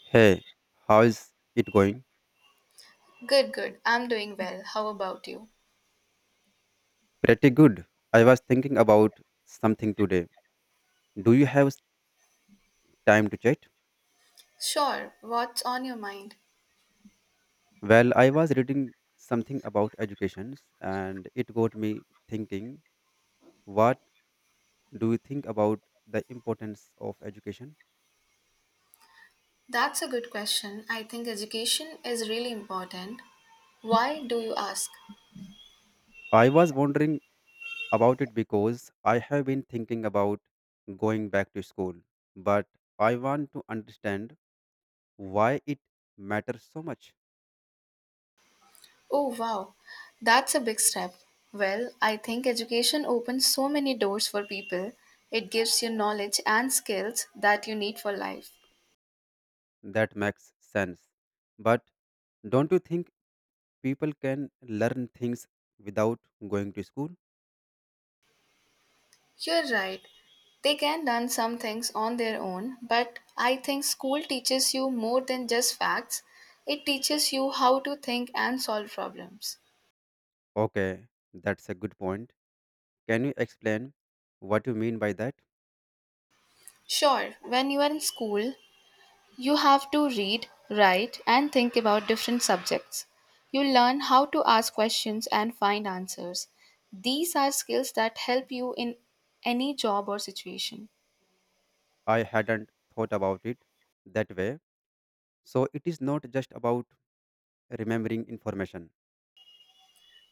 Hey, how is it going? Good, good. I'm doing well. How about you? Pretty good. I was thinking about something today. Do you have time to chat? Sure. What's on your mind? Well, I was reading something about educations and it got me thinking, what do you think about the importance of education? That's a good question. I think education is really important. Why do you ask? I was wondering about it because I have been thinking about going back to school, but I want to understand why it matters so much. Oh, wow. That's a big step. Well, I think education opens so many doors for people. It gives you knowledge and skills that you need for life. That makes sense. But don't you think people can learn things without going to school? You're right. They can learn some things on their own, but I think school teaches you more than just facts. It teaches you how to think and solve problems. Okay, that's a good point. Can you explain what you mean by that? Sure, when you are in school, you have to read, write, and think about different subjects. You learn how to ask questions and find answers. These are skills that help you in any job or situation. I hadn't thought about it that way. So it is not just about remembering information.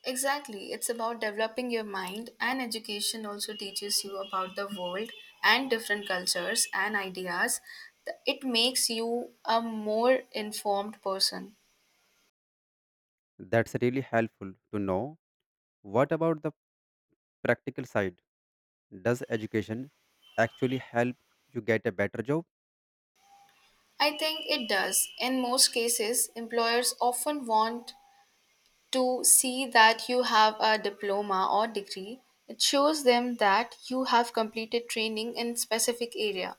Exactly, it's about developing your mind, and education also teaches you about the world and different cultures and ideas. It makes you a more informed person. That's really helpful to know. What about the practical side? Does education actually help you get a better job? I think it does. In most cases, employers often want to see that you have a diploma or degree. It shows them that you have completed training in specific area.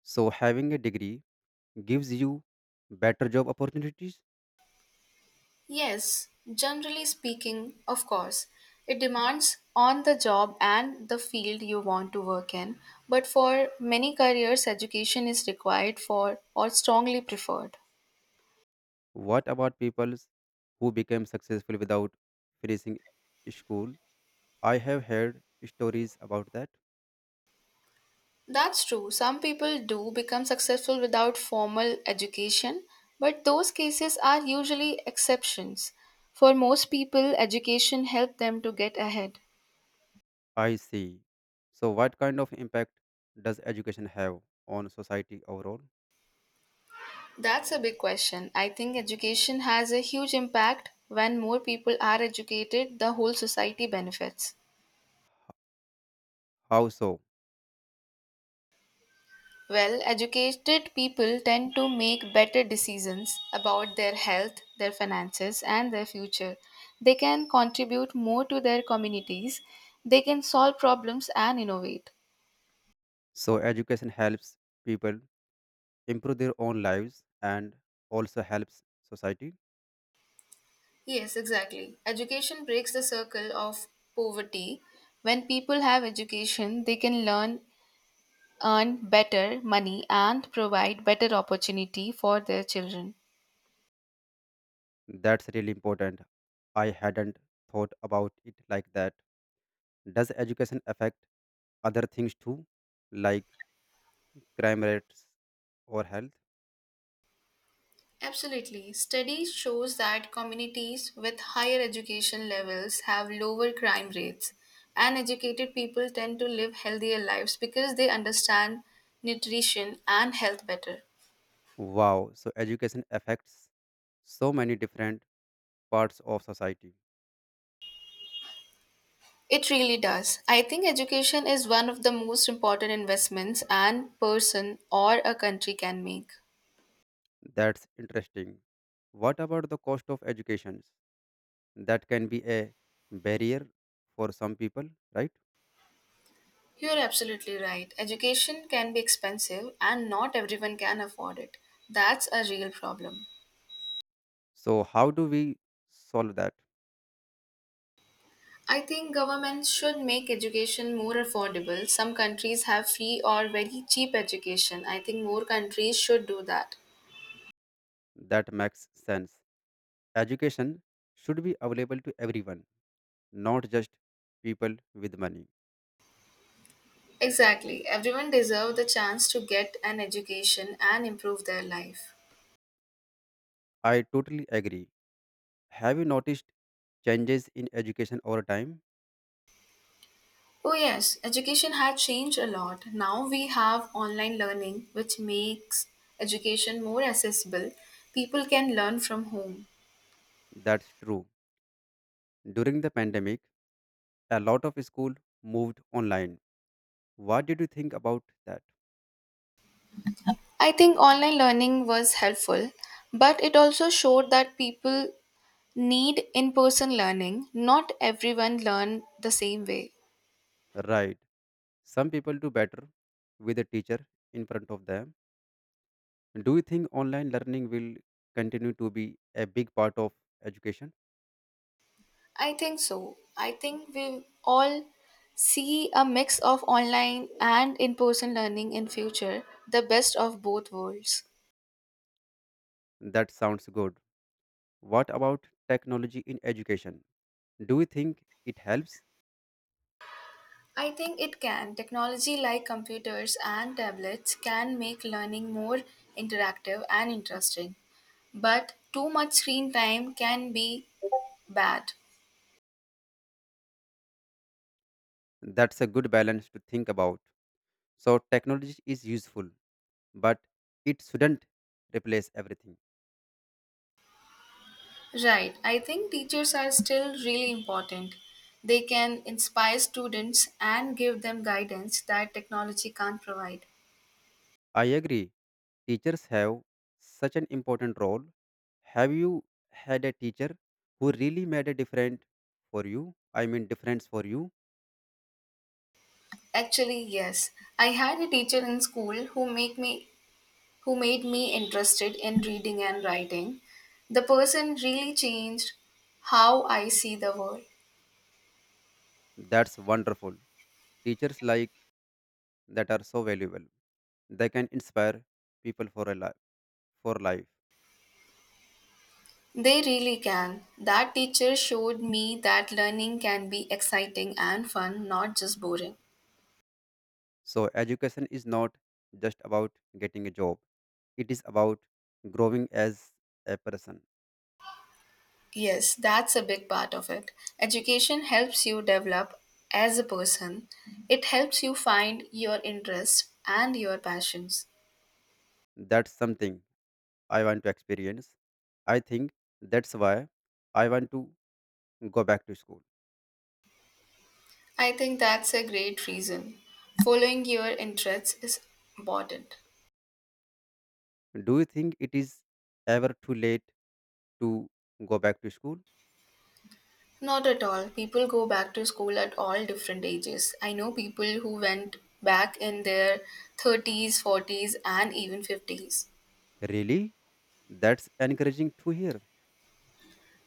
So having a degree gives you better job opportunities. Yes, generally speaking, of course. It demands on the job and the field you want to work in, but for many careers, education is required for or strongly preferred. What about people who became successful without finishing school? I have heard stories about that. That's true. Some people do become successful without formal education, but those cases are usually exceptions. For most people, education helped them to get ahead. I see. So, what kind of impact does education have on society overall? That's a big question. I think education has a huge impact. When more people are educated, the whole society benefits. How so? Well, educated people tend to make better decisions about their health, their finances, and their future. They can contribute more to their communities. They can solve problems and innovate. So, education helps people improve their own lives and also helps society. Yes, exactly. Education breaks the circle of poverty. When people have education, they can learn earn better money and provide better opportunity for their children. That's really important. I hadn't thought about it like that. Does education affect other things too, like crime rates, or health? Absolutely. Study shows that communities with higher education levels have lower crime rates, and educated people tend to live healthier lives because they understand nutrition and health better. Wow, so education affects so many different parts of society. It really does. I think education is one of the most important investments an person or a country can make. That's interesting. What about the cost of education? That can be a barrier for some people, right? You're absolutely right. Education can be expensive and not everyone can afford it. That's a real problem. So, how do we solve that? I think governments should make education more affordable. Some countries have free or very cheap education. I think more countries should do that. That makes sense. Education should be available to everyone, not just people with money. Exactly. Everyone deserves the chance to get an education and improve their life. I totally agree. Have you noticed changes in education over time? Oh yes, education had changed a lot. Now we have online learning which makes education more accessible. People can learn from home. That's true. During the pandemic, a lot of school moved online. What did you think about that? I think online learning was helpful, but it also showed that people need in person learning. Not everyone learn the same way. Right. Some people do better with a teacher in front of them. Do you think online learning will continue to be a big part of education? I think so. I think we all see a mix of online and in person learning in future, the best of both worlds. That sounds good. What about technology in education? Do you think it helps? I think it can. Technology like computers and tablets can make learning more interactive and interesting, but too much screen time can be bad. That's a good balance to think about. So, technology is useful, but it shouldn't replace everything. Right. I think teachers are still really important. They can inspire students and give them guidance that technology can't provide. I agree. Teachers have such an important role. Have you had a teacher who really made a difference for you? Difference for you. Actually, yes. I had a teacher in school who made me interested in reading and writing. The person really changed how I see the world. That's wonderful. Teachers like that are so valuable. They can inspire people for life. They really can. That teacher showed me that learning can be exciting and fun, not just boring. So education is not just about getting a job. It is about growing as a person. Yes, that's a big part of it. Education helps you develop as a person, it helps you find your interests and your passions. That's something I want to experience. I think that's why I want to go back to school. I think that's a great reason. Following your interests is important. Do you think it is ever too late to go back to school? Not at all. People go back to school at all different ages. I know people who went back in their 30s, 40s, and even 50s. Really? That's encouraging to hear.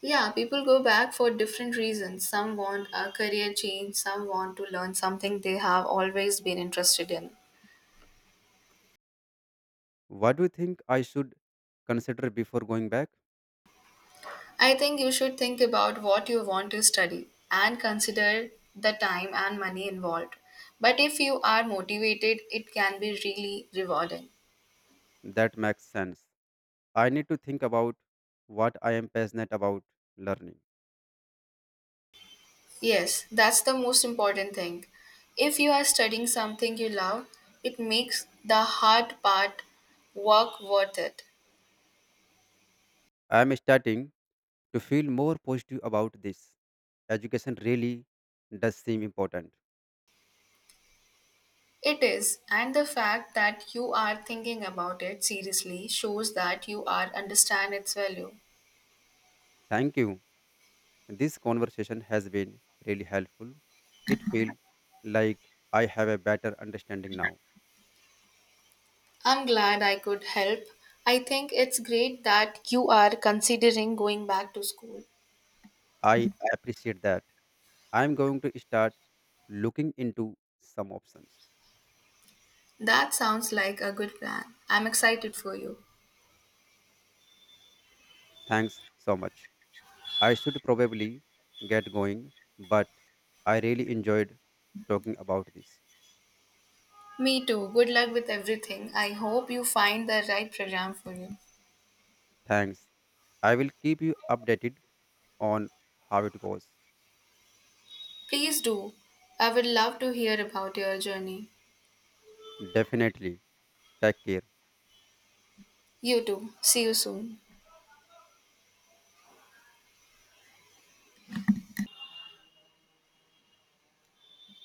Yeah, people go back for different reasons. Some want a career change, some want to learn something they have always been interested in. What do you think I should consider before going back? I think you should think about what you want to study and consider the time and money involved. But if you are motivated, it can be really rewarding. That makes sense. I need to think about what I am passionate about learning. Yes, that's the most important thing. If you are studying something you love, it makes the hard part work worth it. I am starting to feel more positive about this. Education really does seem important. It is, and the fact that you are thinking about it seriously shows that you are understand its value. Thank you. This conversation has been really helpful. It feels like I have a better understanding now. I'm glad I could help. I think it's great that you are considering going back to school. I appreciate that. I'm going to start looking into some options. That sounds like a good plan. I'm excited for you. Thanks so much. I should probably get going, but I really enjoyed talking about this. Me too. Good luck with everything. I hope you find the right program for you. Thanks. I will keep you updated on how it goes. Please do. I would love to hear about your journey. Definitely. Take care. You too. See you soon.